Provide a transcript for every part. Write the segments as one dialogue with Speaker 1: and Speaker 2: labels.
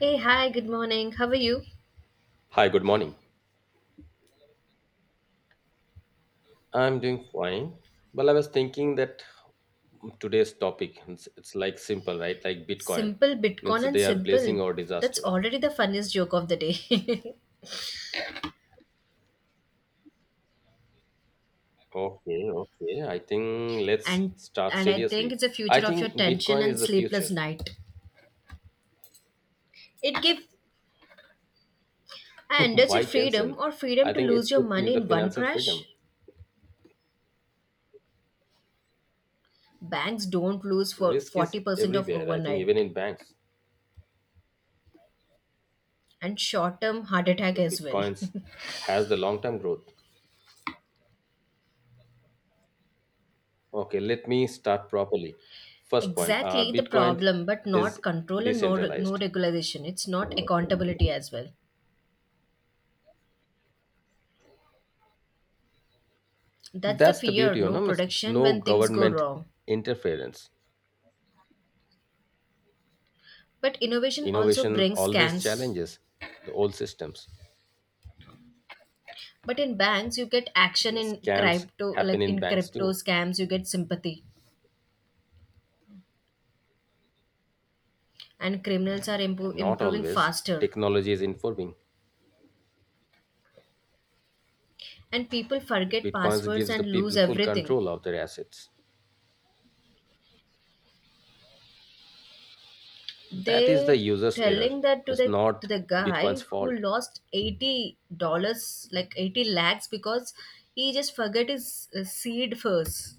Speaker 1: Hey, hi, good morning. How are you?
Speaker 2: Hi, good morning. I'm doing fine. Well, I was thinking that today's topic, it's like simple, right? Like Bitcoin
Speaker 1: Simple
Speaker 2: means
Speaker 1: Bitcoin and
Speaker 2: they are blessing
Speaker 1: simple.
Speaker 2: or
Speaker 1: That's
Speaker 2: disaster.
Speaker 1: already the funniest joke of the day.
Speaker 2: Okay, okay. I think let's
Speaker 1: and
Speaker 2: start
Speaker 1: and I think
Speaker 2: seriously.
Speaker 1: it's the
Speaker 2: I
Speaker 1: future of your
Speaker 2: think
Speaker 1: tension
Speaker 2: Bitcoin is
Speaker 1: and
Speaker 2: the future.
Speaker 1: sleepless night. It gives I understood
Speaker 2: Why
Speaker 1: freedom
Speaker 2: tension?
Speaker 1: or
Speaker 2: I
Speaker 1: freedom to
Speaker 2: think it's
Speaker 1: lose your
Speaker 2: good for
Speaker 1: money
Speaker 2: the
Speaker 1: in one
Speaker 2: financial freedom.
Speaker 1: crash. Banks don't lose for
Speaker 2: Risk is
Speaker 1: 40% of
Speaker 2: everywhere. I think even
Speaker 1: overnight
Speaker 2: in banks,
Speaker 1: and short-term heart attack
Speaker 2: but
Speaker 1: as well.
Speaker 2: Bitcoins has the long-term growth. Okay, let me start properly. First point,
Speaker 1: Exactly the
Speaker 2: Bitcoin
Speaker 1: problem, but
Speaker 2: is
Speaker 1: not control and no
Speaker 2: decentralized.
Speaker 1: regulation. It's not accountability as well. That's the
Speaker 2: That's the
Speaker 1: fear,
Speaker 2: beauty, you
Speaker 1: no
Speaker 2: know, Miss
Speaker 1: protection
Speaker 2: no
Speaker 1: when things go
Speaker 2: government
Speaker 1: wrong.
Speaker 2: interference.
Speaker 1: But innovation also
Speaker 2: Innovation
Speaker 1: brings
Speaker 2: always
Speaker 1: scams.
Speaker 2: challenges the old systems.
Speaker 1: But in banks, you get action
Speaker 2: Yes,
Speaker 1: in
Speaker 2: scams
Speaker 1: crypto,
Speaker 2: happen
Speaker 1: like
Speaker 2: in
Speaker 1: in
Speaker 2: banks
Speaker 1: crypto
Speaker 2: too,
Speaker 1: scams, you get sympathy, and criminals are
Speaker 2: and not
Speaker 1: improving
Speaker 2: always.
Speaker 1: faster.
Speaker 2: Technology is informing.
Speaker 1: And people forget
Speaker 2: Bitcoins
Speaker 1: passwords
Speaker 2: gives the
Speaker 1: and lose
Speaker 2: people full
Speaker 1: everything.
Speaker 2: control of their assets. That is the
Speaker 1: They
Speaker 2: user's error.
Speaker 1: telling that to
Speaker 2: It's
Speaker 1: the to
Speaker 2: not
Speaker 1: the guy
Speaker 2: Bitcoin's
Speaker 1: who
Speaker 2: fault.
Speaker 1: lost $80, like 80 lakhs, because he just forget his seed first.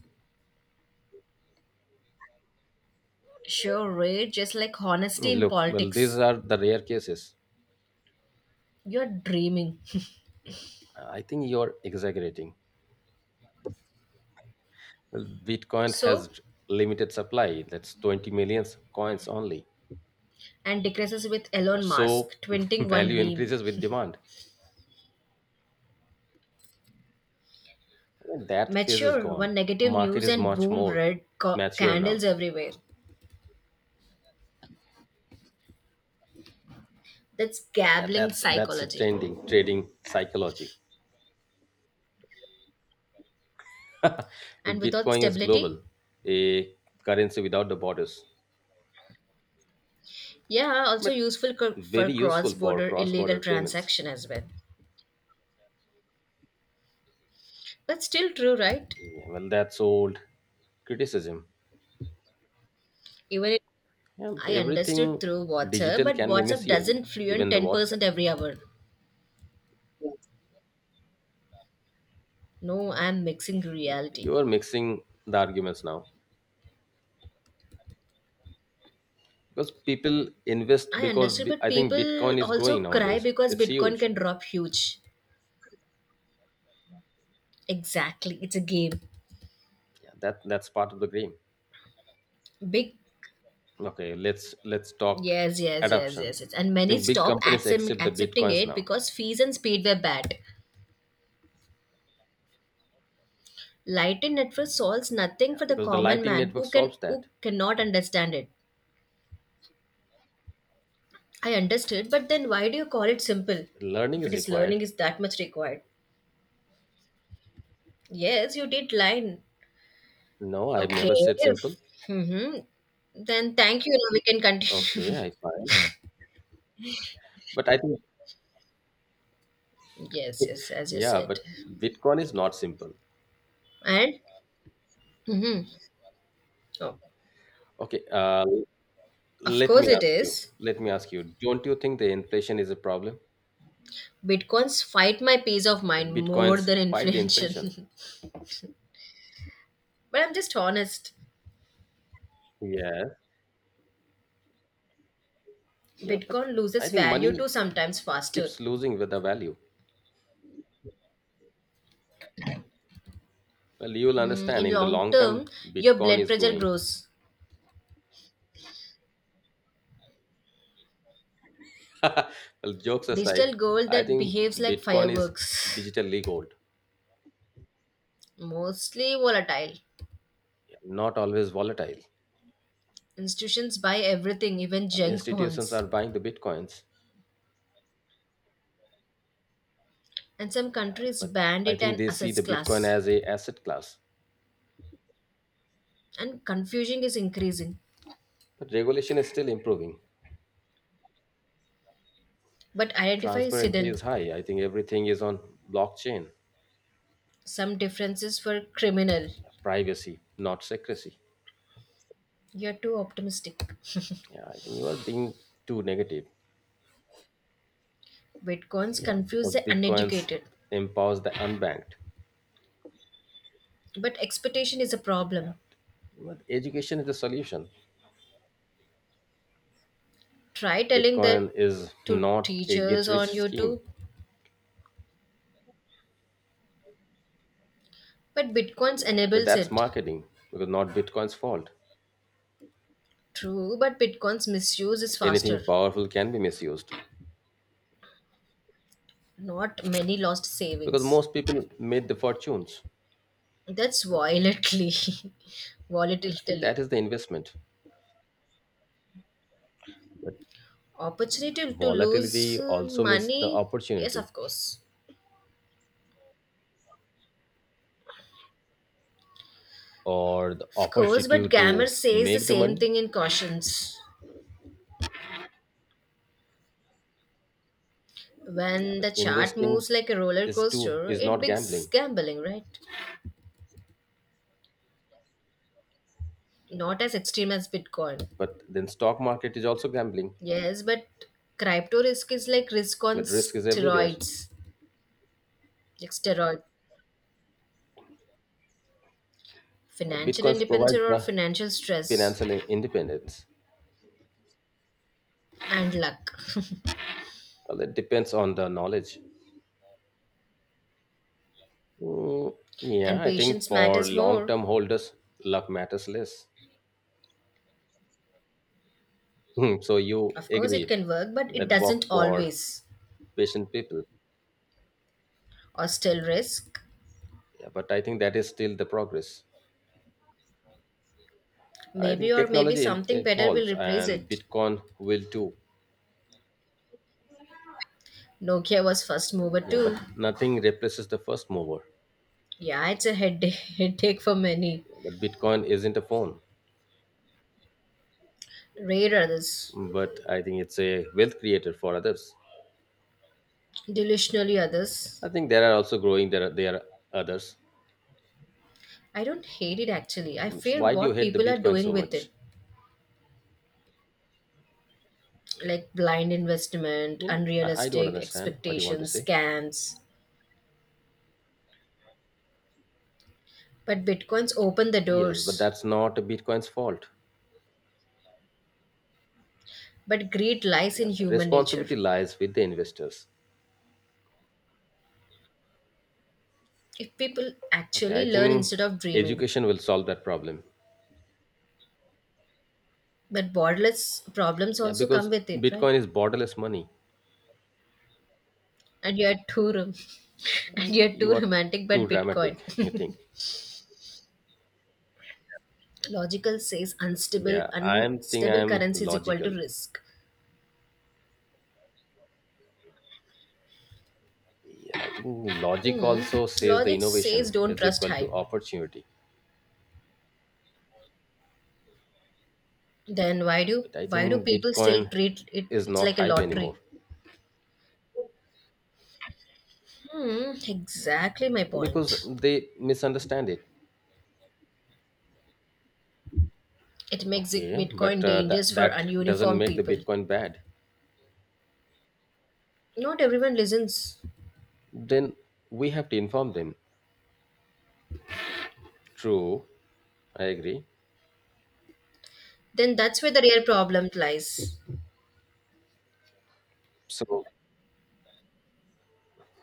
Speaker 1: Sure, right? Just like honesty in
Speaker 2: Look, well, these
Speaker 1: politics.
Speaker 2: are the rare cases.
Speaker 1: You're dreaming.
Speaker 2: I think you're exaggerating. Well, Bitcoin has
Speaker 1: So
Speaker 2: limited supply. That's 20 million coins only.
Speaker 1: and decreases with
Speaker 2: Yeah,
Speaker 1: Elon
Speaker 2: so
Speaker 1: Musk, twinting one
Speaker 2: value
Speaker 1: meme.
Speaker 2: increases with demand. Yeah, that phase is
Speaker 1: Mature, one
Speaker 2: gone.
Speaker 1: negative
Speaker 2: Market
Speaker 1: news
Speaker 2: is
Speaker 1: and
Speaker 2: much
Speaker 1: boom,
Speaker 2: more mature now.
Speaker 1: candles everywhere. That's
Speaker 2: Yeah,
Speaker 1: gambling
Speaker 2: that's a
Speaker 1: psychology.
Speaker 2: trending trading psychology.
Speaker 1: And without
Speaker 2: Bitcoin is global,
Speaker 1: stability,
Speaker 2: a currency without the borders,
Speaker 1: yeah, also
Speaker 2: but
Speaker 1: for
Speaker 2: very useful
Speaker 1: cross
Speaker 2: for
Speaker 1: border illegal
Speaker 2: cross-border payments.
Speaker 1: transaction as well. But still true, right?
Speaker 2: Yeah, well, that's old criticism.
Speaker 1: Even if
Speaker 2: Yeah, but
Speaker 1: I
Speaker 2: everything
Speaker 1: understood through WhatsApp,
Speaker 2: digital
Speaker 1: but
Speaker 2: can be
Speaker 1: WhatsApp
Speaker 2: misused,
Speaker 1: doesn't fluent
Speaker 2: even the
Speaker 1: 10%
Speaker 2: WhatsApp.
Speaker 1: every hour. No, I'm mixing reality.
Speaker 2: You are mixing the arguments now. Because people invest,
Speaker 1: I understood, but
Speaker 2: I think
Speaker 1: people
Speaker 2: Bitcoin is
Speaker 1: also
Speaker 2: growing
Speaker 1: cry
Speaker 2: nowadays.
Speaker 1: because
Speaker 2: It's
Speaker 1: Bitcoin
Speaker 2: huge.
Speaker 1: can drop huge. Exactly, it's a game.
Speaker 2: Yeah, that's part of the game.
Speaker 1: Big,
Speaker 2: Okay, let's talk
Speaker 1: yes, yes, yes,
Speaker 2: adoption.
Speaker 1: yes, yes. And
Speaker 2: I
Speaker 1: many
Speaker 2: think big
Speaker 1: stop
Speaker 2: companies accept the
Speaker 1: accepting
Speaker 2: Bitcoins
Speaker 1: it
Speaker 2: now.
Speaker 1: because fees and speed were bad. Lightning network solves nothing
Speaker 2: Yeah,
Speaker 1: for the
Speaker 2: because the
Speaker 1: common
Speaker 2: Lightning
Speaker 1: man
Speaker 2: Network solves
Speaker 1: who
Speaker 2: that.
Speaker 1: cannot understand it. I understood, but then why do you call it simple?
Speaker 2: Learning
Speaker 1: If it
Speaker 2: is
Speaker 1: is learning
Speaker 2: required.
Speaker 1: is that much required. Yes, you did line.
Speaker 2: No, I've
Speaker 1: Okay.
Speaker 2: never said simple.
Speaker 1: If, hmm Then thank you. Now we can
Speaker 2: Okay,
Speaker 1: continue.
Speaker 2: I find, but I think.
Speaker 1: Yes, yes, as you
Speaker 2: Yeah, but
Speaker 1: said.
Speaker 2: Bitcoin is not simple.
Speaker 1: And hmm oh,
Speaker 2: Okay,
Speaker 1: of
Speaker 2: let me
Speaker 1: course it
Speaker 2: ask you
Speaker 1: is.
Speaker 2: let me ask you don't you think the inflation is a problem?
Speaker 1: Bitcoins fight my peace of
Speaker 2: Yeah, but
Speaker 1: mind more
Speaker 2: Bitcoins
Speaker 1: than
Speaker 2: fight the inflation.
Speaker 1: inflation. But I'm just honest.
Speaker 2: Yes. Yeah, but
Speaker 1: Bitcoin
Speaker 2: I
Speaker 1: loses
Speaker 2: think
Speaker 1: value too
Speaker 2: money
Speaker 1: sometimes faster.
Speaker 2: keeps losing with the value. Well, you'll understand
Speaker 1: In
Speaker 2: in the
Speaker 1: long
Speaker 2: long
Speaker 1: term,
Speaker 2: term,
Speaker 1: your
Speaker 2: Bitcoin
Speaker 1: blood
Speaker 2: is
Speaker 1: pressure
Speaker 2: growing.
Speaker 1: grows.
Speaker 2: Well, jokes aside,
Speaker 1: Digital gold
Speaker 2: I
Speaker 1: that
Speaker 2: think
Speaker 1: behaves like
Speaker 2: Bitcoin is
Speaker 1: fireworks.
Speaker 2: digitally gold.
Speaker 1: Mostly volatile.
Speaker 2: Yeah, not always volatile.
Speaker 1: Institutions buy everything, even
Speaker 2: Well,
Speaker 1: junk
Speaker 2: institutions
Speaker 1: bonds.
Speaker 2: are buying the Bitcoins.
Speaker 1: And some
Speaker 2: Yeah,
Speaker 1: countries
Speaker 2: but
Speaker 1: banned
Speaker 2: I
Speaker 1: it
Speaker 2: think
Speaker 1: an
Speaker 2: they see
Speaker 1: assets
Speaker 2: the Bitcoin
Speaker 1: class.
Speaker 2: as a asset class.
Speaker 1: And confusion is increasing.
Speaker 2: But regulation is still improving.
Speaker 1: But identify is
Speaker 2: Transparency is
Speaker 1: hidden.
Speaker 2: high. I think everything is on blockchain.
Speaker 1: Some differences were criminal.
Speaker 2: Privacy, not secrecy.
Speaker 1: You're too optimistic.
Speaker 2: Yeah, I think you are being too negative.
Speaker 1: Bitcoins
Speaker 2: Yeah,
Speaker 1: confuse
Speaker 2: because
Speaker 1: the
Speaker 2: Bitcoins
Speaker 1: uneducated,
Speaker 2: empowers the unbanked.
Speaker 1: but expectation is a problem.
Speaker 2: But education is the solution.
Speaker 1: Try telling that
Speaker 2: Bitcoin is
Speaker 1: to
Speaker 2: not a get
Speaker 1: teachers
Speaker 2: rich
Speaker 1: on
Speaker 2: scheme.
Speaker 1: YouTube, but Bitcoins
Speaker 2: Yeah,
Speaker 1: enables
Speaker 2: that's
Speaker 1: it.
Speaker 2: marketing because not Bitcoin's fault.
Speaker 1: True, but Bitcoins misuse is
Speaker 2: Anything
Speaker 1: faster.
Speaker 2: powerful can be misused
Speaker 1: Not many lost
Speaker 2: because
Speaker 1: savings.
Speaker 2: most people made the fortunes.
Speaker 1: That's volatilely,
Speaker 2: I think
Speaker 1: volatility.
Speaker 2: that is the investment.
Speaker 1: Opportunity to
Speaker 2: Volatility
Speaker 1: lose
Speaker 2: also means the
Speaker 1: money? Yes,
Speaker 2: opportunity
Speaker 1: of course.
Speaker 2: or the
Speaker 1: Of course,
Speaker 2: opportunity
Speaker 1: but grammar
Speaker 2: to
Speaker 1: says the
Speaker 2: make the
Speaker 1: same
Speaker 2: money.
Speaker 1: thing in cautions.
Speaker 2: Yeah,
Speaker 1: When
Speaker 2: but
Speaker 1: the chart
Speaker 2: investing
Speaker 1: moves like a roller
Speaker 2: is too
Speaker 1: coaster,
Speaker 2: is
Speaker 1: it
Speaker 2: not
Speaker 1: becomes
Speaker 2: gambling.
Speaker 1: gambling, right? Not as extreme as Bitcoin.
Speaker 2: But then stock market is also gambling,
Speaker 1: Yes, but crypto risk is like risk on
Speaker 2: but risk is everywhere.
Speaker 1: steroids, like steroid.
Speaker 2: But
Speaker 1: Financial
Speaker 2: Bitcoins
Speaker 1: independence
Speaker 2: provide
Speaker 1: or
Speaker 2: the
Speaker 1: financial stress
Speaker 2: financial independence.
Speaker 1: and luck.
Speaker 2: Well, it depends on the knowledge. Mm, yeah,
Speaker 1: And
Speaker 2: I think
Speaker 1: patience
Speaker 2: for
Speaker 1: matters more.
Speaker 2: long-term holders, luck matters less. Hmm, so you
Speaker 1: Of course, it
Speaker 2: agreed
Speaker 1: can work, but it
Speaker 2: that work
Speaker 1: doesn't
Speaker 2: for
Speaker 1: always.
Speaker 2: patient people.
Speaker 1: Or still risk.
Speaker 2: Yeah, but I think that is still the progress. I think
Speaker 1: Maybe or maybe
Speaker 2: technology
Speaker 1: something better will
Speaker 2: evolves
Speaker 1: replace
Speaker 2: and
Speaker 1: it.
Speaker 2: Bitcoin will too.
Speaker 1: Nokia was first mover
Speaker 2: Yeah,
Speaker 1: too.
Speaker 2: but nothing replaces the first mover.
Speaker 1: Yeah, it's a headache headache for many.
Speaker 2: But Bitcoin isn't a phone,
Speaker 1: Rare others,
Speaker 2: but I think it's a wealth creator for others.
Speaker 1: delusionally others.
Speaker 2: I think there are also growing. There are others.
Speaker 1: I don't hate it actually. I
Speaker 2: Mm, so
Speaker 1: fear
Speaker 2: why do you
Speaker 1: what
Speaker 2: hate the
Speaker 1: people are
Speaker 2: Bitcoin
Speaker 1: doing
Speaker 2: so
Speaker 1: with
Speaker 2: much?
Speaker 1: it. Like blind
Speaker 2: I
Speaker 1: investment,
Speaker 2: mean, I don't
Speaker 1: unrealistic
Speaker 2: understand what you want to
Speaker 1: expectations,
Speaker 2: say.
Speaker 1: scams. But bitcoins open the
Speaker 2: Yes, but
Speaker 1: doors.
Speaker 2: that's not Bitcoin's fault.
Speaker 1: But greed lies
Speaker 2: Yeah,
Speaker 1: in human nature.
Speaker 2: responsibility lies with the investors.
Speaker 1: If people
Speaker 2: Okay, I
Speaker 1: actually learn
Speaker 2: think
Speaker 1: instead of dreaming.
Speaker 2: education will solve that problem.
Speaker 1: But borderless problems
Speaker 2: Yeah,
Speaker 1: also
Speaker 2: because
Speaker 1: come with it, right?
Speaker 2: Bitcoin is borderless money.
Speaker 1: And you're too rom- And
Speaker 2: Uh,
Speaker 1: you're too
Speaker 2: You are
Speaker 1: romantic,
Speaker 2: too
Speaker 1: but Bitcoin.
Speaker 2: dramatic. You think?
Speaker 1: Logical says unstable
Speaker 2: Yeah, I am think I
Speaker 1: unstable
Speaker 2: am
Speaker 1: currency is equal to
Speaker 2: logical.
Speaker 1: risk.
Speaker 2: Yeah, I think logic
Speaker 1: Hmm.
Speaker 2: also says the
Speaker 1: Logic
Speaker 2: innovation
Speaker 1: says don't
Speaker 2: is
Speaker 1: trust
Speaker 2: equal to
Speaker 1: hype.
Speaker 2: opportunity.
Speaker 1: Then why
Speaker 2: Yeah,
Speaker 1: do
Speaker 2: but I
Speaker 1: why do
Speaker 2: think
Speaker 1: people still
Speaker 2: Bitcoin
Speaker 1: treat it?
Speaker 2: is
Speaker 1: It's
Speaker 2: not
Speaker 1: like a
Speaker 2: hype anymore
Speaker 1: lottery. Hmm. Exactly my
Speaker 2: because
Speaker 1: point.
Speaker 2: they misunderstand it. Okay, but
Speaker 1: Bitcoin
Speaker 2: that
Speaker 1: dangerous for
Speaker 2: that doesn't
Speaker 1: ununiformed
Speaker 2: make the
Speaker 1: people.
Speaker 2: Bitcoin bad.
Speaker 1: Not everyone listens.
Speaker 2: Then we have to inform them. True. I agree.
Speaker 1: Then that's where the real problem lies.
Speaker 2: So,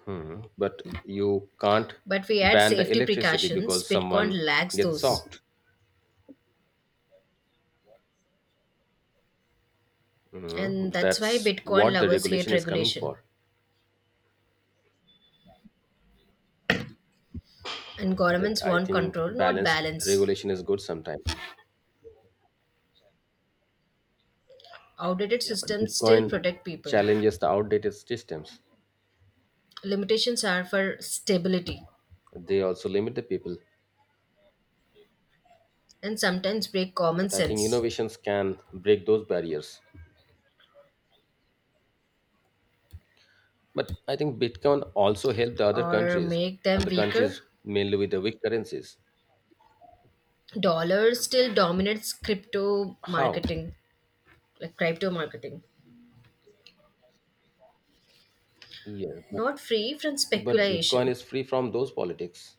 Speaker 2: but you can't
Speaker 1: But we add
Speaker 2: ban the
Speaker 1: safety
Speaker 2: electricity
Speaker 1: precautions.
Speaker 2: because
Speaker 1: Bitcoin
Speaker 2: someone
Speaker 1: lacks
Speaker 2: gets
Speaker 1: those,
Speaker 2: shocked. Hmm,
Speaker 1: and that's
Speaker 2: that's
Speaker 1: why Bitcoin
Speaker 2: what the
Speaker 1: lovers hate
Speaker 2: regulation is coming
Speaker 1: regulation.
Speaker 2: for.
Speaker 1: And
Speaker 2: But
Speaker 1: governments
Speaker 2: I
Speaker 1: want
Speaker 2: think
Speaker 1: control, not
Speaker 2: balance
Speaker 1: balance.
Speaker 2: regulation is good sometimes.
Speaker 1: Outdated
Speaker 2: Yeah, but
Speaker 1: systems
Speaker 2: Bitcoin
Speaker 1: still protect people.
Speaker 2: challenges the outdated systems.
Speaker 1: Limitations are for stability
Speaker 2: They also limit the people.
Speaker 1: and sometimes break common
Speaker 2: But I think
Speaker 1: sense
Speaker 2: innovations can break those barriers. But I think Bitcoin also helped the other
Speaker 1: or
Speaker 2: countries,
Speaker 1: make them
Speaker 2: and the
Speaker 1: weaker.
Speaker 2: countries mainly with the weak currencies.
Speaker 1: Dollar still dominates crypto
Speaker 2: How?
Speaker 1: marketing, like crypto marketing.
Speaker 2: Yeah,
Speaker 1: Not free from
Speaker 2: but Bitcoin
Speaker 1: speculation.
Speaker 2: is free from those politics.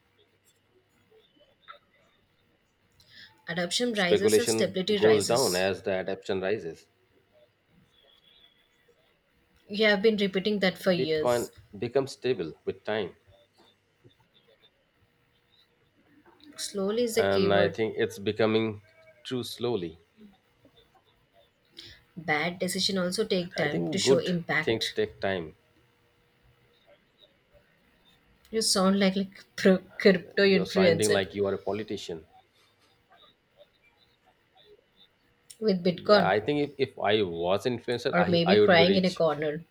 Speaker 1: Adoption rises as
Speaker 2: Speculation
Speaker 1: stability
Speaker 2: goes down
Speaker 1: rises.
Speaker 2: as the adoption rises.
Speaker 1: You have been repeating that for
Speaker 2: Bitcoin
Speaker 1: years.
Speaker 2: becomes stable with time,
Speaker 1: Slowly is the
Speaker 2: and I
Speaker 1: keyword.
Speaker 2: think it's becoming true slowly.
Speaker 1: Bad decision also
Speaker 2: But
Speaker 1: take
Speaker 2: I
Speaker 1: time to
Speaker 2: think
Speaker 1: show
Speaker 2: good things
Speaker 1: impact.
Speaker 2: take time.
Speaker 1: You sound like pro crypto
Speaker 2: You're sounding
Speaker 1: influencer
Speaker 2: like you are a politician.
Speaker 1: with
Speaker 2: Yeah,
Speaker 1: Bitcoin
Speaker 2: I think if I was influencer,
Speaker 1: or
Speaker 2: I,
Speaker 1: maybe
Speaker 2: I would be
Speaker 1: crying in a
Speaker 2: rich.
Speaker 1: corner.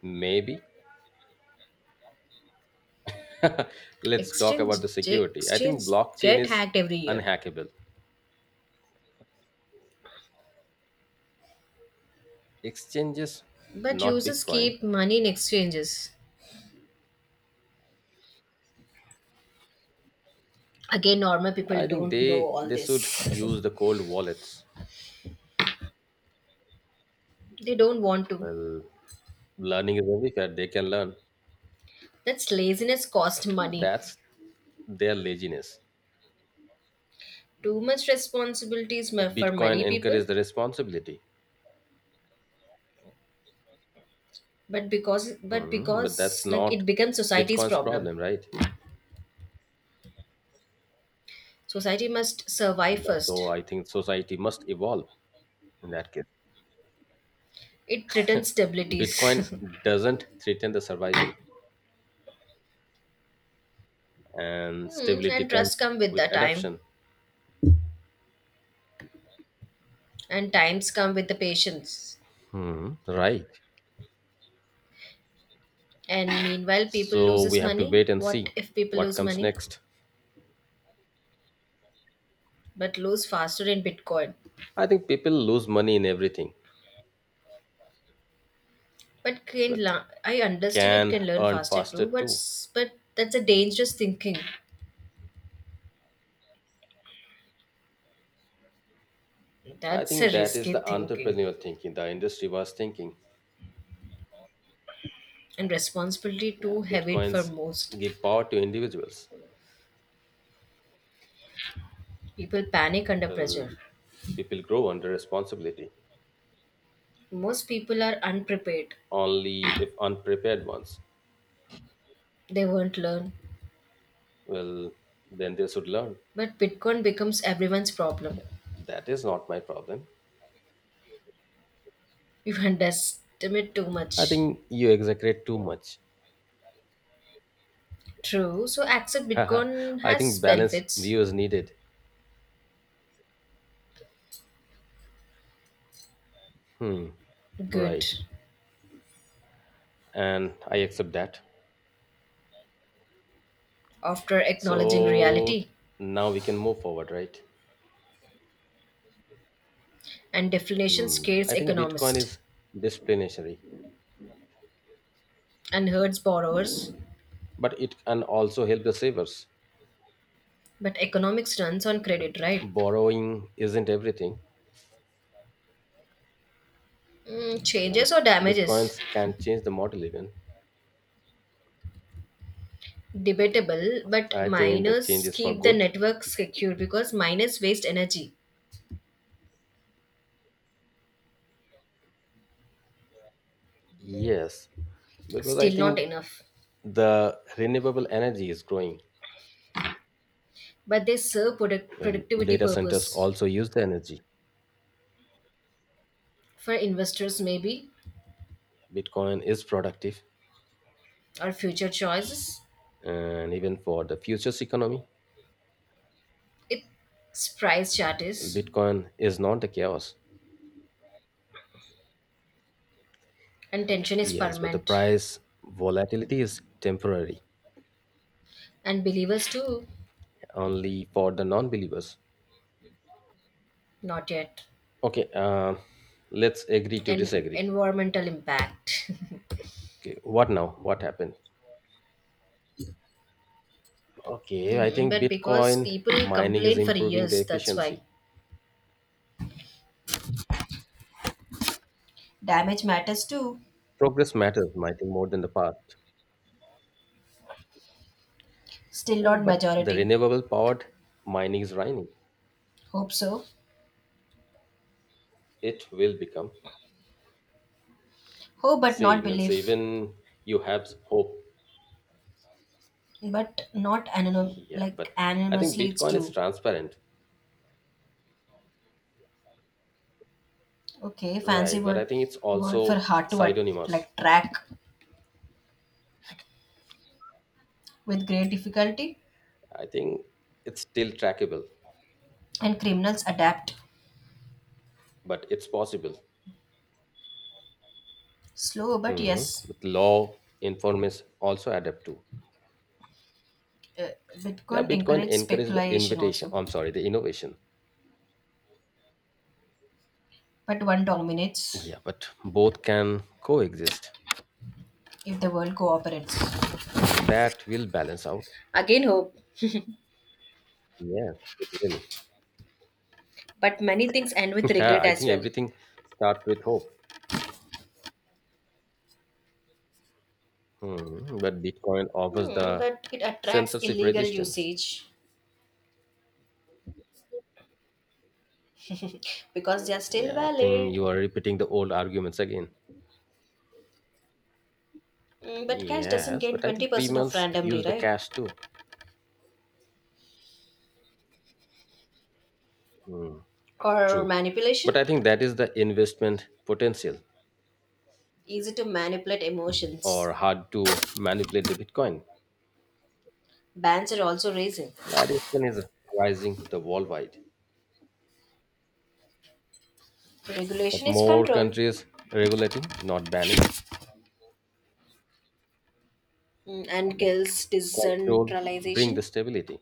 Speaker 2: Maybe. Let's talk
Speaker 1: Exchange
Speaker 2: about the security. I think
Speaker 1: exchange
Speaker 2: blockchain
Speaker 1: get
Speaker 2: is
Speaker 1: hacked every year,
Speaker 2: unhackable. Exchanges,
Speaker 1: but
Speaker 2: not
Speaker 1: users
Speaker 2: Bitcoin.
Speaker 1: keep money in exchanges. Again, normal people
Speaker 2: I think
Speaker 1: don't know
Speaker 2: they
Speaker 1: all
Speaker 2: they should
Speaker 1: this.
Speaker 2: use the cold wallets.
Speaker 1: They don't want to.
Speaker 2: Well, learning is everywhere. They can learn.
Speaker 1: That's laziness cost
Speaker 2: So
Speaker 1: money.
Speaker 2: that's their laziness.
Speaker 1: Too much responsibilities
Speaker 2: But
Speaker 1: for
Speaker 2: Bitcoin
Speaker 1: many
Speaker 2: encourages
Speaker 1: people,
Speaker 2: the responsibility.
Speaker 1: but because but
Speaker 2: Hmm, but that's
Speaker 1: because like
Speaker 2: not
Speaker 1: it becomes society's
Speaker 2: Bitcoin's
Speaker 1: problem.
Speaker 2: problem, right?
Speaker 1: Society must survive
Speaker 2: So
Speaker 1: first.
Speaker 2: I think society must evolve in that case.
Speaker 1: It threatens
Speaker 2: Bitcoin
Speaker 1: stabilities.
Speaker 2: doesn't threaten the survival, and stability
Speaker 1: And
Speaker 2: comes
Speaker 1: trust come with
Speaker 2: with
Speaker 1: the time,
Speaker 2: adoption.
Speaker 1: and times come with the patience.
Speaker 2: Hmm, right.
Speaker 1: And meanwhile, people
Speaker 2: So we
Speaker 1: loses
Speaker 2: have to
Speaker 1: money.
Speaker 2: wait and
Speaker 1: What
Speaker 2: see
Speaker 1: if people
Speaker 2: what
Speaker 1: lose
Speaker 2: comes
Speaker 1: money,
Speaker 2: next.
Speaker 1: but lose faster in Bitcoin?
Speaker 2: I think people lose money in everything, but
Speaker 1: I understood it
Speaker 2: can
Speaker 1: can learn
Speaker 2: earn
Speaker 1: faster
Speaker 2: faster
Speaker 1: too. But
Speaker 2: too.
Speaker 1: s- but that's a dangerous thinking.
Speaker 2: I
Speaker 1: That's a
Speaker 2: think that is
Speaker 1: risky
Speaker 2: the
Speaker 1: thinking
Speaker 2: entrepreneurial thinking the industry was thinking.
Speaker 1: and responsibility
Speaker 2: Yeah,
Speaker 1: too heavy for
Speaker 2: Bitcoins
Speaker 1: most.
Speaker 2: give power to individuals.
Speaker 1: People panic under
Speaker 2: Well,
Speaker 1: pressure.
Speaker 2: people grow under responsibility
Speaker 1: Most people are unprepared.
Speaker 2: only if unprepared ones.
Speaker 1: They won't learn.
Speaker 2: Well, then they should learn.
Speaker 1: But Bitcoin becomes everyone's problem.
Speaker 2: Yeah, that is not my problem.
Speaker 1: You underestimate too
Speaker 2: I
Speaker 1: much.
Speaker 2: think you exaggerate too much.
Speaker 1: True. So accept Bitcoin
Speaker 2: I think
Speaker 1: has
Speaker 2: balanced
Speaker 1: benefits.
Speaker 2: view is needed. Hmm.
Speaker 1: Good.
Speaker 2: Right. And I accept that.
Speaker 1: After acknowledging
Speaker 2: So
Speaker 1: reality.
Speaker 2: now we can move forward, right?
Speaker 1: And deflation
Speaker 2: Hmm.
Speaker 1: scares
Speaker 2: I think Bitcoin
Speaker 1: economists
Speaker 2: is disciplinary,
Speaker 1: and hurts borrowers.
Speaker 2: but it can also help the savers.
Speaker 1: But economics runs on
Speaker 2: Yeah, but
Speaker 1: credit, right?
Speaker 2: borrowing isn't everything. Yeah, but
Speaker 1: Changes or damages?
Speaker 2: Bitcoins can change the model even.
Speaker 1: Debatable, but
Speaker 2: I think the change
Speaker 1: miners
Speaker 2: is for
Speaker 1: keep the
Speaker 2: good.
Speaker 1: network secure because miners waste energy.
Speaker 2: Yes, because I
Speaker 1: Still not
Speaker 2: think
Speaker 1: enough.
Speaker 2: the renewable energy is growing.
Speaker 1: But they serve
Speaker 2: Well,
Speaker 1: productivity
Speaker 2: data centers
Speaker 1: purpose
Speaker 2: also use the energy.
Speaker 1: for investors maybe
Speaker 2: Bitcoin is productive,
Speaker 1: or future choices.
Speaker 2: and even for the futures economy.
Speaker 1: Its price chart
Speaker 2: Well,
Speaker 1: is
Speaker 2: Bitcoin is not the chaos.
Speaker 1: and tension is
Speaker 2: Yes, but the
Speaker 1: permanent.
Speaker 2: price volatility is temporary,
Speaker 1: And believers too,
Speaker 2: only for the non-believers.
Speaker 1: not yet.
Speaker 2: Okay, let's agree to
Speaker 1: And
Speaker 2: disagree.
Speaker 1: environmental impact.
Speaker 2: Okay, what now, what happened? Okay, I think
Speaker 1: But because
Speaker 2: Bitcoin
Speaker 1: people
Speaker 2: mining is
Speaker 1: complain for
Speaker 2: improving the
Speaker 1: years, that's why.
Speaker 2: efficiency.
Speaker 1: Damage matters too.
Speaker 2: Progress matters, I think, more than the past.
Speaker 1: Still
Speaker 2: Yeah,
Speaker 1: not
Speaker 2: but the
Speaker 1: majority.
Speaker 2: renewable powered mining is running.
Speaker 1: Hope so.
Speaker 2: It will become.
Speaker 1: Hope but
Speaker 2: See,
Speaker 1: not
Speaker 2: means
Speaker 1: belief.
Speaker 2: even you have hope.
Speaker 1: But not anonym
Speaker 2: Yeah,
Speaker 1: like
Speaker 2: but I think
Speaker 1: anonymously it's
Speaker 2: Bitcoin is
Speaker 1: true.
Speaker 2: transparent,
Speaker 1: Okay, fancy
Speaker 2: right? But I
Speaker 1: word
Speaker 2: think it's
Speaker 1: word for
Speaker 2: also
Speaker 1: hard to
Speaker 2: pseudonymous.
Speaker 1: like track with great difficulty
Speaker 2: I think it's still trackable,
Speaker 1: and criminals adapt.
Speaker 2: but it's possible.
Speaker 1: Slow but
Speaker 2: Hmm.
Speaker 1: yes.
Speaker 2: With law, informants also adapt to.
Speaker 1: Uh,
Speaker 2: Yeah,
Speaker 1: Bitcoin
Speaker 2: Bitcoin
Speaker 1: encourages
Speaker 2: encourages the
Speaker 1: speculation
Speaker 2: invitation.
Speaker 1: also.
Speaker 2: I'm sorry, the innovation.
Speaker 1: But one dominates
Speaker 2: Yeah, but both can coexist.
Speaker 1: if the world cooperates.
Speaker 2: Well, that will balance out.
Speaker 1: Again, hope,
Speaker 2: Yes, it will.
Speaker 1: but many things end with
Speaker 2: Yeah,
Speaker 1: regret
Speaker 2: I
Speaker 1: as
Speaker 2: think
Speaker 1: well.
Speaker 2: everything starts with hope. Hmm. But Bitcoin offers the
Speaker 1: But it attracts
Speaker 2: censorship
Speaker 1: illegal
Speaker 2: resistance.
Speaker 1: usage because they are still
Speaker 2: Yeah, I think
Speaker 1: valid.
Speaker 2: you are repeating the old arguments again.
Speaker 1: But cash doesn't
Speaker 2: Yes,
Speaker 1: gain
Speaker 2: but I think
Speaker 1: 20% of
Speaker 2: criminals
Speaker 1: randomly,
Speaker 2: use the
Speaker 1: right?
Speaker 2: cash too. Hmm.
Speaker 1: Or
Speaker 2: True. But
Speaker 1: manipulation?
Speaker 2: I think that is the investment potential
Speaker 1: Easy to manipulate emotions.
Speaker 2: or hard to manipulate the Bitcoin.
Speaker 1: Bans are also raising.
Speaker 2: Addiction is rising the worldwide. But
Speaker 1: Regulation is
Speaker 2: more
Speaker 1: control.
Speaker 2: countries regulating, not banning,
Speaker 1: And
Speaker 2: but
Speaker 1: kills
Speaker 2: control bring the
Speaker 1: decentralization.
Speaker 2: stability.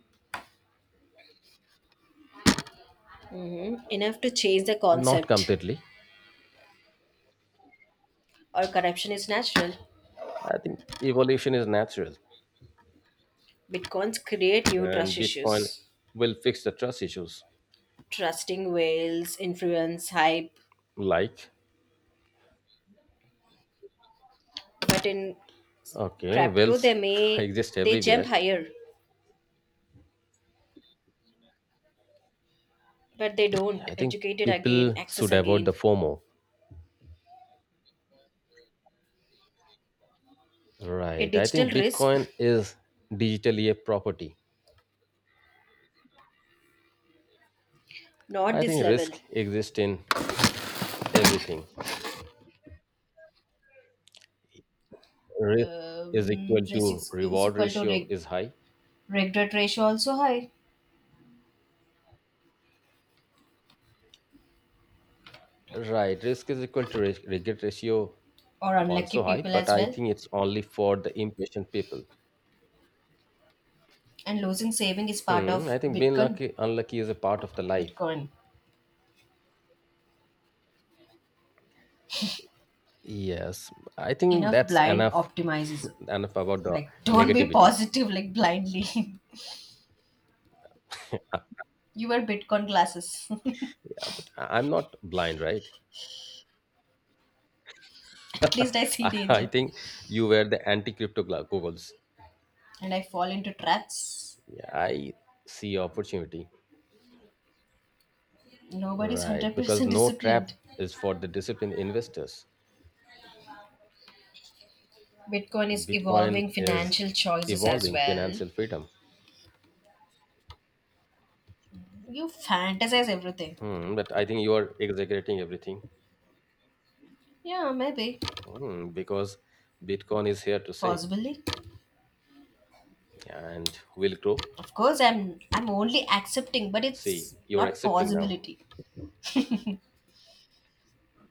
Speaker 1: Enough to change the
Speaker 2: Not
Speaker 1: concept.
Speaker 2: completely,
Speaker 1: Or corruption is natural.
Speaker 2: I think evolution is natural,
Speaker 1: Bitcoins create new
Speaker 2: and
Speaker 1: trust
Speaker 2: Bitcoin
Speaker 1: issues.
Speaker 2: will fix the trust issues.
Speaker 1: Trusting whales, influence, hype.
Speaker 2: Like,
Speaker 1: But in
Speaker 2: okay,
Speaker 1: crypto
Speaker 2: wealth exists
Speaker 1: they
Speaker 2: everywhere.
Speaker 1: jump higher, but they
Speaker 2: Yeah,
Speaker 1: don't.
Speaker 2: I think
Speaker 1: Educated again,
Speaker 2: people
Speaker 1: access
Speaker 2: should avoid the
Speaker 1: again.
Speaker 2: FOMO.
Speaker 1: A
Speaker 2: Right. I
Speaker 1: digital
Speaker 2: think
Speaker 1: risk,
Speaker 2: Bitcoin is digitally a property.
Speaker 1: not
Speaker 2: I
Speaker 1: this
Speaker 2: think
Speaker 1: level.
Speaker 2: risk exists in everything. Risk is equal
Speaker 1: Risk
Speaker 2: to
Speaker 1: is
Speaker 2: reward
Speaker 1: equal to
Speaker 2: ratio is high.
Speaker 1: regret ratio also high,
Speaker 2: Right. Risk is equal to regret ratio
Speaker 1: or unlucky
Speaker 2: also high,
Speaker 1: people
Speaker 2: but
Speaker 1: as
Speaker 2: I
Speaker 1: well.
Speaker 2: think it's only for the impatient people.
Speaker 1: And losing saving is part
Speaker 2: Hmm, I
Speaker 1: of
Speaker 2: think being
Speaker 1: Bitcoin.
Speaker 2: lucky, unlucky is a part of the life.
Speaker 1: Bitcoin
Speaker 2: Yes, I think
Speaker 1: enough
Speaker 2: that's
Speaker 1: blind
Speaker 2: enough,
Speaker 1: optimizes.
Speaker 2: enough about the
Speaker 1: Like don't be
Speaker 2: negativity.
Speaker 1: positive like blindly.
Speaker 2: Uh,
Speaker 1: You wear Bitcoin glasses.
Speaker 2: yeah, but I'm not blind, right?
Speaker 1: At least I see
Speaker 2: I
Speaker 1: danger.
Speaker 2: think you were the anti-crypto goggles.
Speaker 1: And I fall into traps.
Speaker 2: Yeah, I see opportunity,
Speaker 1: Nobody's
Speaker 2: right? Because
Speaker 1: 100%
Speaker 2: no trap
Speaker 1: disciplined.
Speaker 2: is for the disciplined investors.
Speaker 1: Bitcoin
Speaker 2: But
Speaker 1: is
Speaker 2: Bitcoin
Speaker 1: evolving
Speaker 2: is
Speaker 1: financial choices as
Speaker 2: evolving
Speaker 1: well.
Speaker 2: financial freedom.
Speaker 1: You fantasize everything.
Speaker 2: Hmm, but I think you are exaggerating everything.
Speaker 1: Yeah, maybe.
Speaker 2: Hmm, because Bitcoin is here to stay,
Speaker 1: Possibly.
Speaker 2: and will grow.
Speaker 1: Of course, I'm only accepting, but
Speaker 2: See,
Speaker 1: it's
Speaker 2: you're
Speaker 1: not
Speaker 2: accepting now.
Speaker 1: possibility.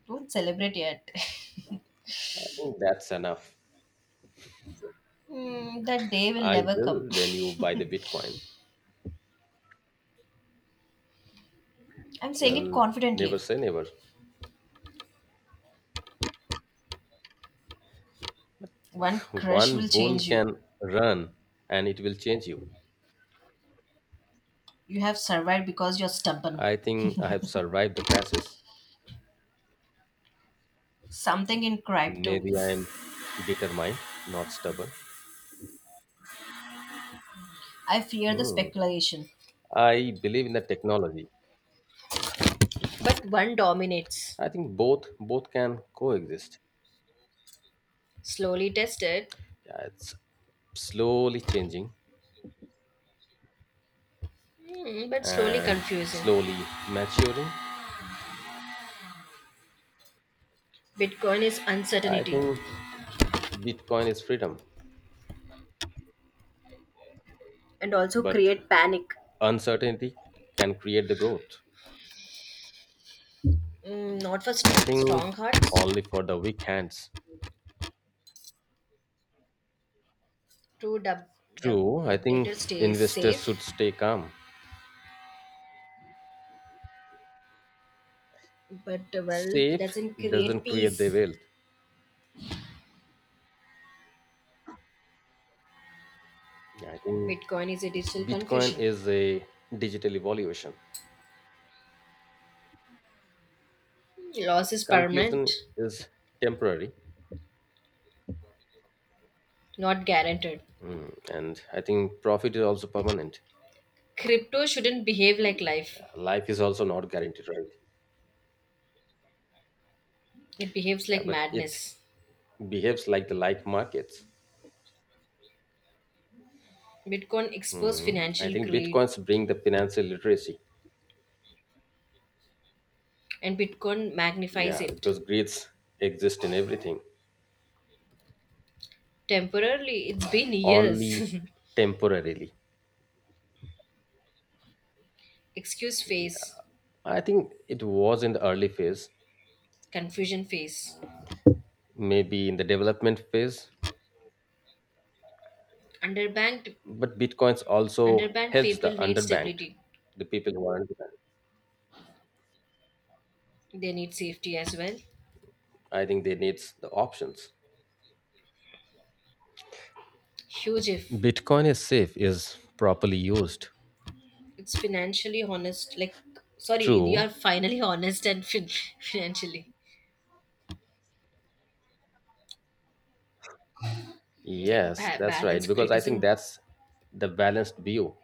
Speaker 1: Don't celebrate yet.
Speaker 2: I think that's enough.
Speaker 1: That day will
Speaker 2: I
Speaker 1: never come.
Speaker 2: will when you buy the Bitcoin.
Speaker 1: I'm saying it
Speaker 2: Well, never
Speaker 1: confidently.
Speaker 2: say never.
Speaker 1: One crush
Speaker 2: One
Speaker 1: will
Speaker 2: bull
Speaker 1: change
Speaker 2: can
Speaker 1: you.
Speaker 2: run and it will change you.
Speaker 1: You have survived because you're stubborn.
Speaker 2: I think I have survived the crashes.
Speaker 1: Something in crypto.
Speaker 2: Maybe I am determined, not stubborn.
Speaker 1: I fear the
Speaker 2: Hmm.
Speaker 1: speculation.
Speaker 2: I believe in the technology.
Speaker 1: But one dominates.
Speaker 2: I think both can coexist.
Speaker 1: Slowly tested,
Speaker 2: Yeah, it's slowly changing
Speaker 1: but slowly
Speaker 2: and
Speaker 1: confusing.
Speaker 2: slowly maturing.
Speaker 1: Bitcoin is
Speaker 2: I
Speaker 1: uncertainty
Speaker 2: think Bitcoin is freedom,
Speaker 1: and also
Speaker 2: but
Speaker 1: create panic.
Speaker 2: uncertainty can create the growth.
Speaker 1: Not for
Speaker 2: I think
Speaker 1: strong hearts.
Speaker 2: only for the weak hands.
Speaker 1: True, dub,
Speaker 2: True, I
Speaker 1: dubtator
Speaker 2: think
Speaker 1: stays
Speaker 2: investors
Speaker 1: safe,
Speaker 2: should stay calm.
Speaker 1: but wealth
Speaker 2: Safe
Speaker 1: doesn't
Speaker 2: doesn't
Speaker 1: create
Speaker 2: create the
Speaker 1: peace.
Speaker 2: wealth. I think
Speaker 1: Bitcoin is a digital
Speaker 2: Bitcoin
Speaker 1: confusion.
Speaker 2: is a digital evaluation.
Speaker 1: Loss is
Speaker 2: Confusion
Speaker 1: permanent,
Speaker 2: is temporary,
Speaker 1: not guaranteed.
Speaker 2: and I think profit is also permanent.
Speaker 1: Crypto shouldn't behave like life,
Speaker 2: Life is also not guaranteed, right?
Speaker 1: it behaves
Speaker 2: Yeah,
Speaker 1: like
Speaker 2: but it
Speaker 1: madness.
Speaker 2: behaves like the like markets.
Speaker 1: Bitcoin exposed
Speaker 2: Mhm. I
Speaker 1: financial
Speaker 2: think
Speaker 1: greed
Speaker 2: Bitcoins bring the financial literacy.
Speaker 1: and Bitcoin magnifies
Speaker 2: Yeah,
Speaker 1: it.
Speaker 2: because greeds exist in everything,
Speaker 1: Temporarily, it's been
Speaker 2: only
Speaker 1: years.
Speaker 2: temporarily.
Speaker 1: Excuse phase,
Speaker 2: I think it was in the early phase,
Speaker 1: confusion phase.
Speaker 2: maybe in the development phase,
Speaker 1: Underbanked,
Speaker 2: but Bitcoins also
Speaker 1: underbanked
Speaker 2: helps
Speaker 1: people
Speaker 2: the
Speaker 1: need
Speaker 2: underbanked,
Speaker 1: stability.
Speaker 2: the people who are underbanked.
Speaker 1: They need safety as well.
Speaker 2: I think they need the options.
Speaker 1: Huge if
Speaker 2: Bitcoin is safe is properly used.
Speaker 1: it's financially honest. Like, sorry, you
Speaker 2: True.
Speaker 1: are finally honest and financially like
Speaker 2: Yes, that's right.
Speaker 1: balance
Speaker 2: Because I think
Speaker 1: criticism.
Speaker 2: that's the balanced view.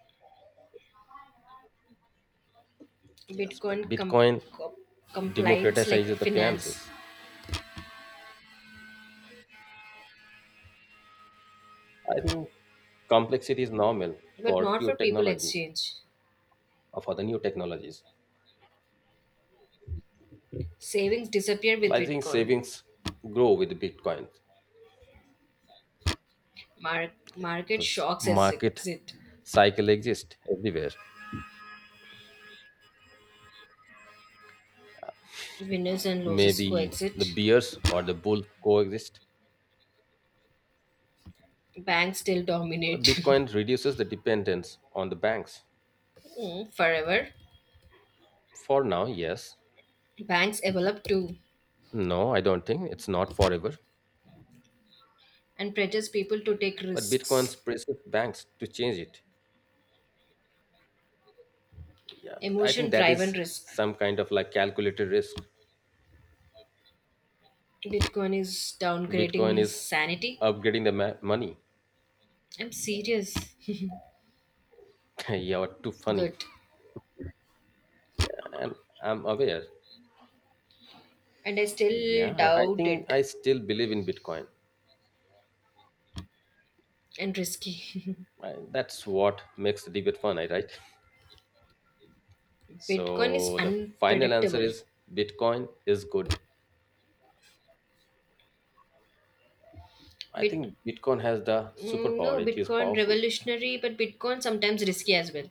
Speaker 2: Yes, but
Speaker 1: Bitcoin
Speaker 2: Bitcoin
Speaker 1: co- compliance like
Speaker 2: democratizes the
Speaker 1: finance,
Speaker 2: finances. I think complexity is normal
Speaker 1: but
Speaker 2: for
Speaker 1: not for
Speaker 2: few
Speaker 1: people
Speaker 2: technologies
Speaker 1: exchange.
Speaker 2: or for the new technologies.
Speaker 1: Savings disappear with
Speaker 2: Well, I think
Speaker 1: Bitcoin
Speaker 2: savings grow with Bitcoin
Speaker 1: Market
Speaker 2: because
Speaker 1: shocks as
Speaker 2: market
Speaker 1: exit.
Speaker 2: cycle exists everywhere.
Speaker 1: Winners and losers
Speaker 2: Maybe the
Speaker 1: coexist.
Speaker 2: bears or the bull coexist.
Speaker 1: Banks still
Speaker 2: The
Speaker 1: dominate.
Speaker 2: Bitcoin reduces the dependence on the banks.
Speaker 1: Forever.
Speaker 2: For now, yes.
Speaker 1: Banks develop too
Speaker 2: No, I don't think it's not forever.
Speaker 1: and pressures people to take
Speaker 2: But Bitcoin's
Speaker 1: risks.
Speaker 2: presses banks to change it. Yeah, but I
Speaker 1: Emotion
Speaker 2: think that
Speaker 1: driven
Speaker 2: is
Speaker 1: risk.
Speaker 2: some kind of like calculated risk.
Speaker 1: Bitcoin is
Speaker 2: Bitcoin
Speaker 1: downgrading
Speaker 2: is
Speaker 1: sanity.
Speaker 2: upgrading the money.
Speaker 1: I'm serious.
Speaker 2: Yeah, what too funny.
Speaker 1: Good.
Speaker 2: Yeah, I'm aware.
Speaker 1: And I still
Speaker 2: Yeah, I
Speaker 1: doubt
Speaker 2: think
Speaker 1: it
Speaker 2: I still believe in Bitcoin.
Speaker 1: and risky.
Speaker 2: That's what makes the debate fun, right?
Speaker 1: Bitcoin is
Speaker 2: So the final answer
Speaker 1: unpredictable.
Speaker 2: is Bitcoin is good. I
Speaker 1: Bit
Speaker 2: think Bitcoin has the
Speaker 1: no,
Speaker 2: superpower. It is
Speaker 1: Bitcoin
Speaker 2: powerful.
Speaker 1: revolutionary, but Bitcoin sometimes risky as well.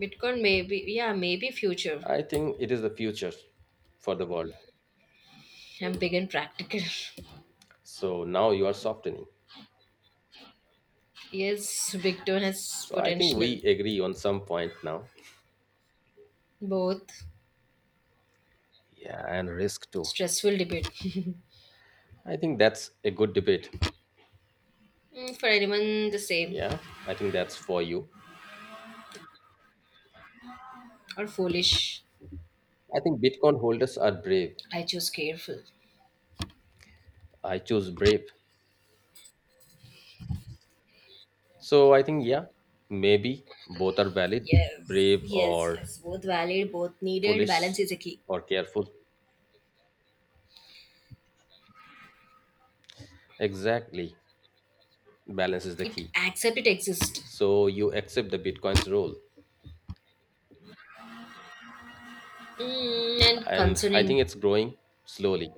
Speaker 1: Bitcoin maybe yeah, maybe future.
Speaker 2: I think it is the future for the world.
Speaker 1: I'm big and practical.
Speaker 2: So now you are softening.
Speaker 1: Yes, Bitcoin has
Speaker 2: So I think
Speaker 1: potential.
Speaker 2: we agree on some point now.
Speaker 1: Both
Speaker 2: Yeah, and risk too.
Speaker 1: stressful debate.
Speaker 2: I think that's a good debate.
Speaker 1: For anyone the same
Speaker 2: Yeah, I think that's for you.
Speaker 1: or foolish.
Speaker 2: I think Bitcoin holders are brave.
Speaker 1: I choose careful.
Speaker 2: I choose brave. So I think, yeah, maybe both are valid
Speaker 1: Yes.
Speaker 2: brave
Speaker 1: Yes,
Speaker 2: or
Speaker 1: yes. Both valid, both needed. Balance
Speaker 2: foolish
Speaker 1: is a key.
Speaker 2: or careful. Exactly. Balance is the
Speaker 1: It
Speaker 2: key.
Speaker 1: accept it exists.
Speaker 2: So you accept the Bitcoin's role.
Speaker 1: And
Speaker 2: And I
Speaker 1: concerning
Speaker 2: think it's growing slowly.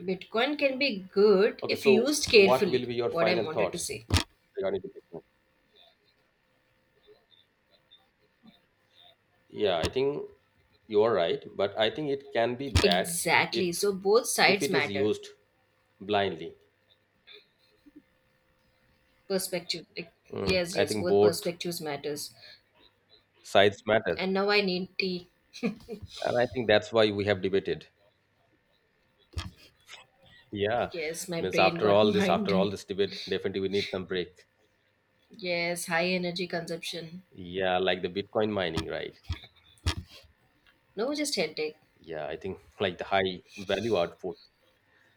Speaker 1: Bitcoin can be good
Speaker 2: Okay,
Speaker 1: if
Speaker 2: so
Speaker 1: used
Speaker 2: what will
Speaker 1: carefully.
Speaker 2: be your
Speaker 1: What I
Speaker 2: final
Speaker 1: wanted to
Speaker 2: thoughts
Speaker 1: say.
Speaker 2: regarding the Bitcoin? Yeah, I think you are right, but I think it can be bad
Speaker 1: Exactly.
Speaker 2: if
Speaker 1: So both
Speaker 2: if
Speaker 1: sides
Speaker 2: it is
Speaker 1: matter.
Speaker 2: used blindly.
Speaker 1: Perspective. Like,
Speaker 2: Mm,
Speaker 1: yes,
Speaker 2: I
Speaker 1: yes,
Speaker 2: think
Speaker 1: both
Speaker 2: both
Speaker 1: perspectives matters.
Speaker 2: sides matter,
Speaker 1: And now I need tea.
Speaker 2: and I think that's why we have debated. Yeah,
Speaker 1: Yes, my
Speaker 2: means
Speaker 1: brain
Speaker 2: after
Speaker 1: got
Speaker 2: all this, after all
Speaker 1: minded.
Speaker 2: this debate, definitely we need some break.
Speaker 1: Yes, high energy consumption.
Speaker 2: Yeah, like the Bitcoin mining, right?
Speaker 1: No, just headache.
Speaker 2: Yeah, I think like the high value output.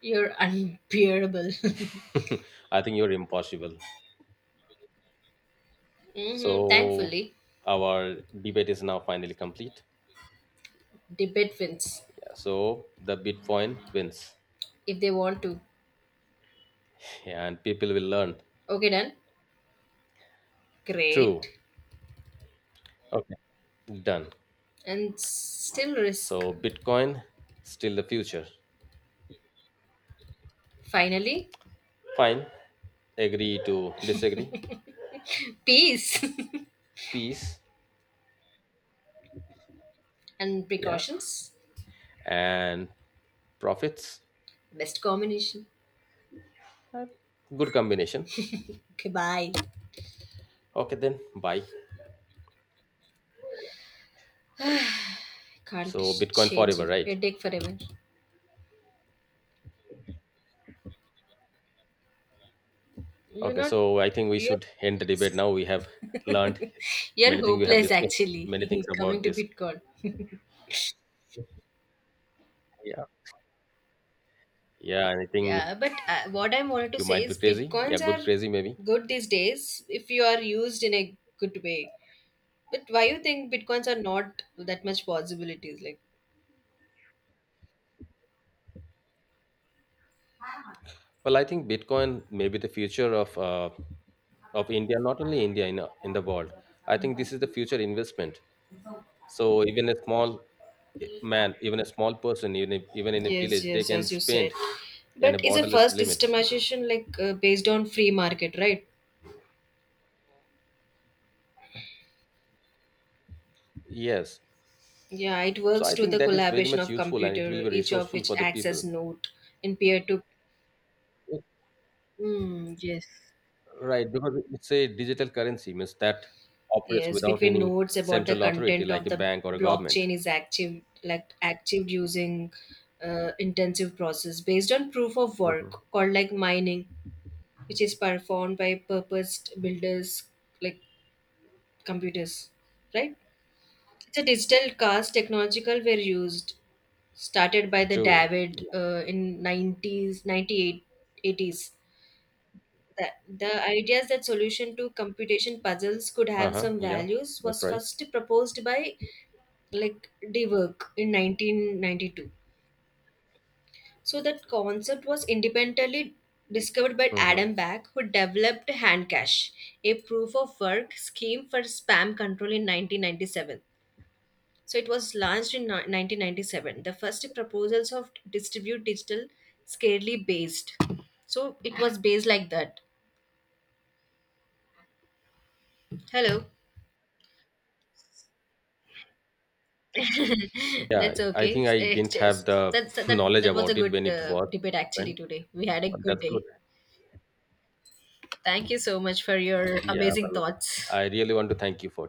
Speaker 1: You're unbearable.
Speaker 2: I think you're impossible. So
Speaker 1: Thankfully,
Speaker 2: our debate is now finally complete.
Speaker 1: debate wins
Speaker 2: Yeah, so the Bitcoin wins,
Speaker 1: if they want to.
Speaker 2: and people will learn.
Speaker 1: Okay, done.
Speaker 2: True.
Speaker 1: Great.
Speaker 2: Okay, done.
Speaker 1: And still risk.
Speaker 2: So Bitcoin still the future.
Speaker 1: Finally,
Speaker 2: Fine. Agree to disagree,
Speaker 1: peace
Speaker 2: peace,
Speaker 1: and
Speaker 2: yeah,
Speaker 1: precautions.
Speaker 2: and profits.
Speaker 1: Best combination.
Speaker 2: Good combination.
Speaker 1: Okay, bye.
Speaker 2: Okay, then bye.
Speaker 1: Can't
Speaker 2: So, Bitcoin
Speaker 1: change
Speaker 2: forever,
Speaker 1: your
Speaker 2: right?
Speaker 1: headache forever. You're
Speaker 2: Okay,
Speaker 1: not
Speaker 2: so I think we
Speaker 1: you're
Speaker 2: should end the debate now. We have learned
Speaker 1: you're
Speaker 2: many things, we have
Speaker 1: hopeless
Speaker 2: discussed
Speaker 1: actually
Speaker 2: many things about
Speaker 1: coming to
Speaker 2: this.
Speaker 1: Bitcoin.
Speaker 2: Yeah, yeah, and I think
Speaker 1: Yeah, but what I wanted to
Speaker 2: you
Speaker 1: say
Speaker 2: might be
Speaker 1: is
Speaker 2: crazy. Yeah,
Speaker 1: Bitcoins
Speaker 2: good
Speaker 1: are
Speaker 2: crazy, maybe.
Speaker 1: good these days if you are used in a good way. But why you think Bitcoins are not that much possibilities like
Speaker 2: Well, I think Bitcoin may be the future of India, not only India, in the world. I think this is the future investment. So even a small man, even a small person, even if, even in a
Speaker 1: yes,
Speaker 2: village, they
Speaker 1: yes,
Speaker 2: can
Speaker 1: as you said.
Speaker 2: spend in a
Speaker 1: But is a
Speaker 2: borderless
Speaker 1: first
Speaker 2: limits.
Speaker 1: systemization like based on free market, right?
Speaker 2: Yes.
Speaker 1: Yeah, it
Speaker 2: So
Speaker 1: works
Speaker 2: I
Speaker 1: through
Speaker 2: think
Speaker 1: the
Speaker 2: that is very
Speaker 1: collaboration
Speaker 2: much
Speaker 1: of
Speaker 2: useful and it will
Speaker 1: computer,
Speaker 2: be
Speaker 1: each of
Speaker 2: resourceful
Speaker 1: which
Speaker 2: for the
Speaker 1: acts as
Speaker 2: people.
Speaker 1: node in peer to. Mm, yes.
Speaker 2: Right, because it's a digital currency, means that operates
Speaker 1: Yes,
Speaker 2: without
Speaker 1: between
Speaker 2: any
Speaker 1: nodes about the
Speaker 2: central authority
Speaker 1: content
Speaker 2: like
Speaker 1: of
Speaker 2: a
Speaker 1: the
Speaker 2: bank or a government.
Speaker 1: blockchain is active, like active using intensive process based on proof of work
Speaker 2: Mhm.
Speaker 1: called like mining, which is performed by purposed builders like computers, right? It's a digital cast technological were used, started by the
Speaker 2: True.
Speaker 1: David in 90s, eight, eighties. 80s. The, the ideas that solution to computation puzzles could have
Speaker 2: Uh-huh.
Speaker 1: some
Speaker 2: Yeah,
Speaker 1: values
Speaker 2: that's
Speaker 1: was
Speaker 2: right.
Speaker 1: first proposed by like de work in 1992. So that concept was independently discovered by
Speaker 2: Hmm.
Speaker 1: Adam Back, who developed Handcash, a proof of work scheme for spam control in 1997. So it was launched in 1997. The first proposals of distribute digital scarcely based. So it was based like that. Hello.
Speaker 2: Yeah,
Speaker 1: That's
Speaker 2: I
Speaker 1: okay.
Speaker 2: think I didn't
Speaker 1: Exchange.
Speaker 2: have the
Speaker 1: That, that
Speaker 2: knowledge
Speaker 1: that was a
Speaker 2: about it
Speaker 1: good
Speaker 2: when it was,
Speaker 1: debate actually
Speaker 2: when,
Speaker 1: today. We had a
Speaker 2: but
Speaker 1: good
Speaker 2: that's good.
Speaker 1: day. Thank you so much for your
Speaker 2: Yeah,
Speaker 1: amazing
Speaker 2: well,
Speaker 1: thoughts.
Speaker 2: I really want to thank you for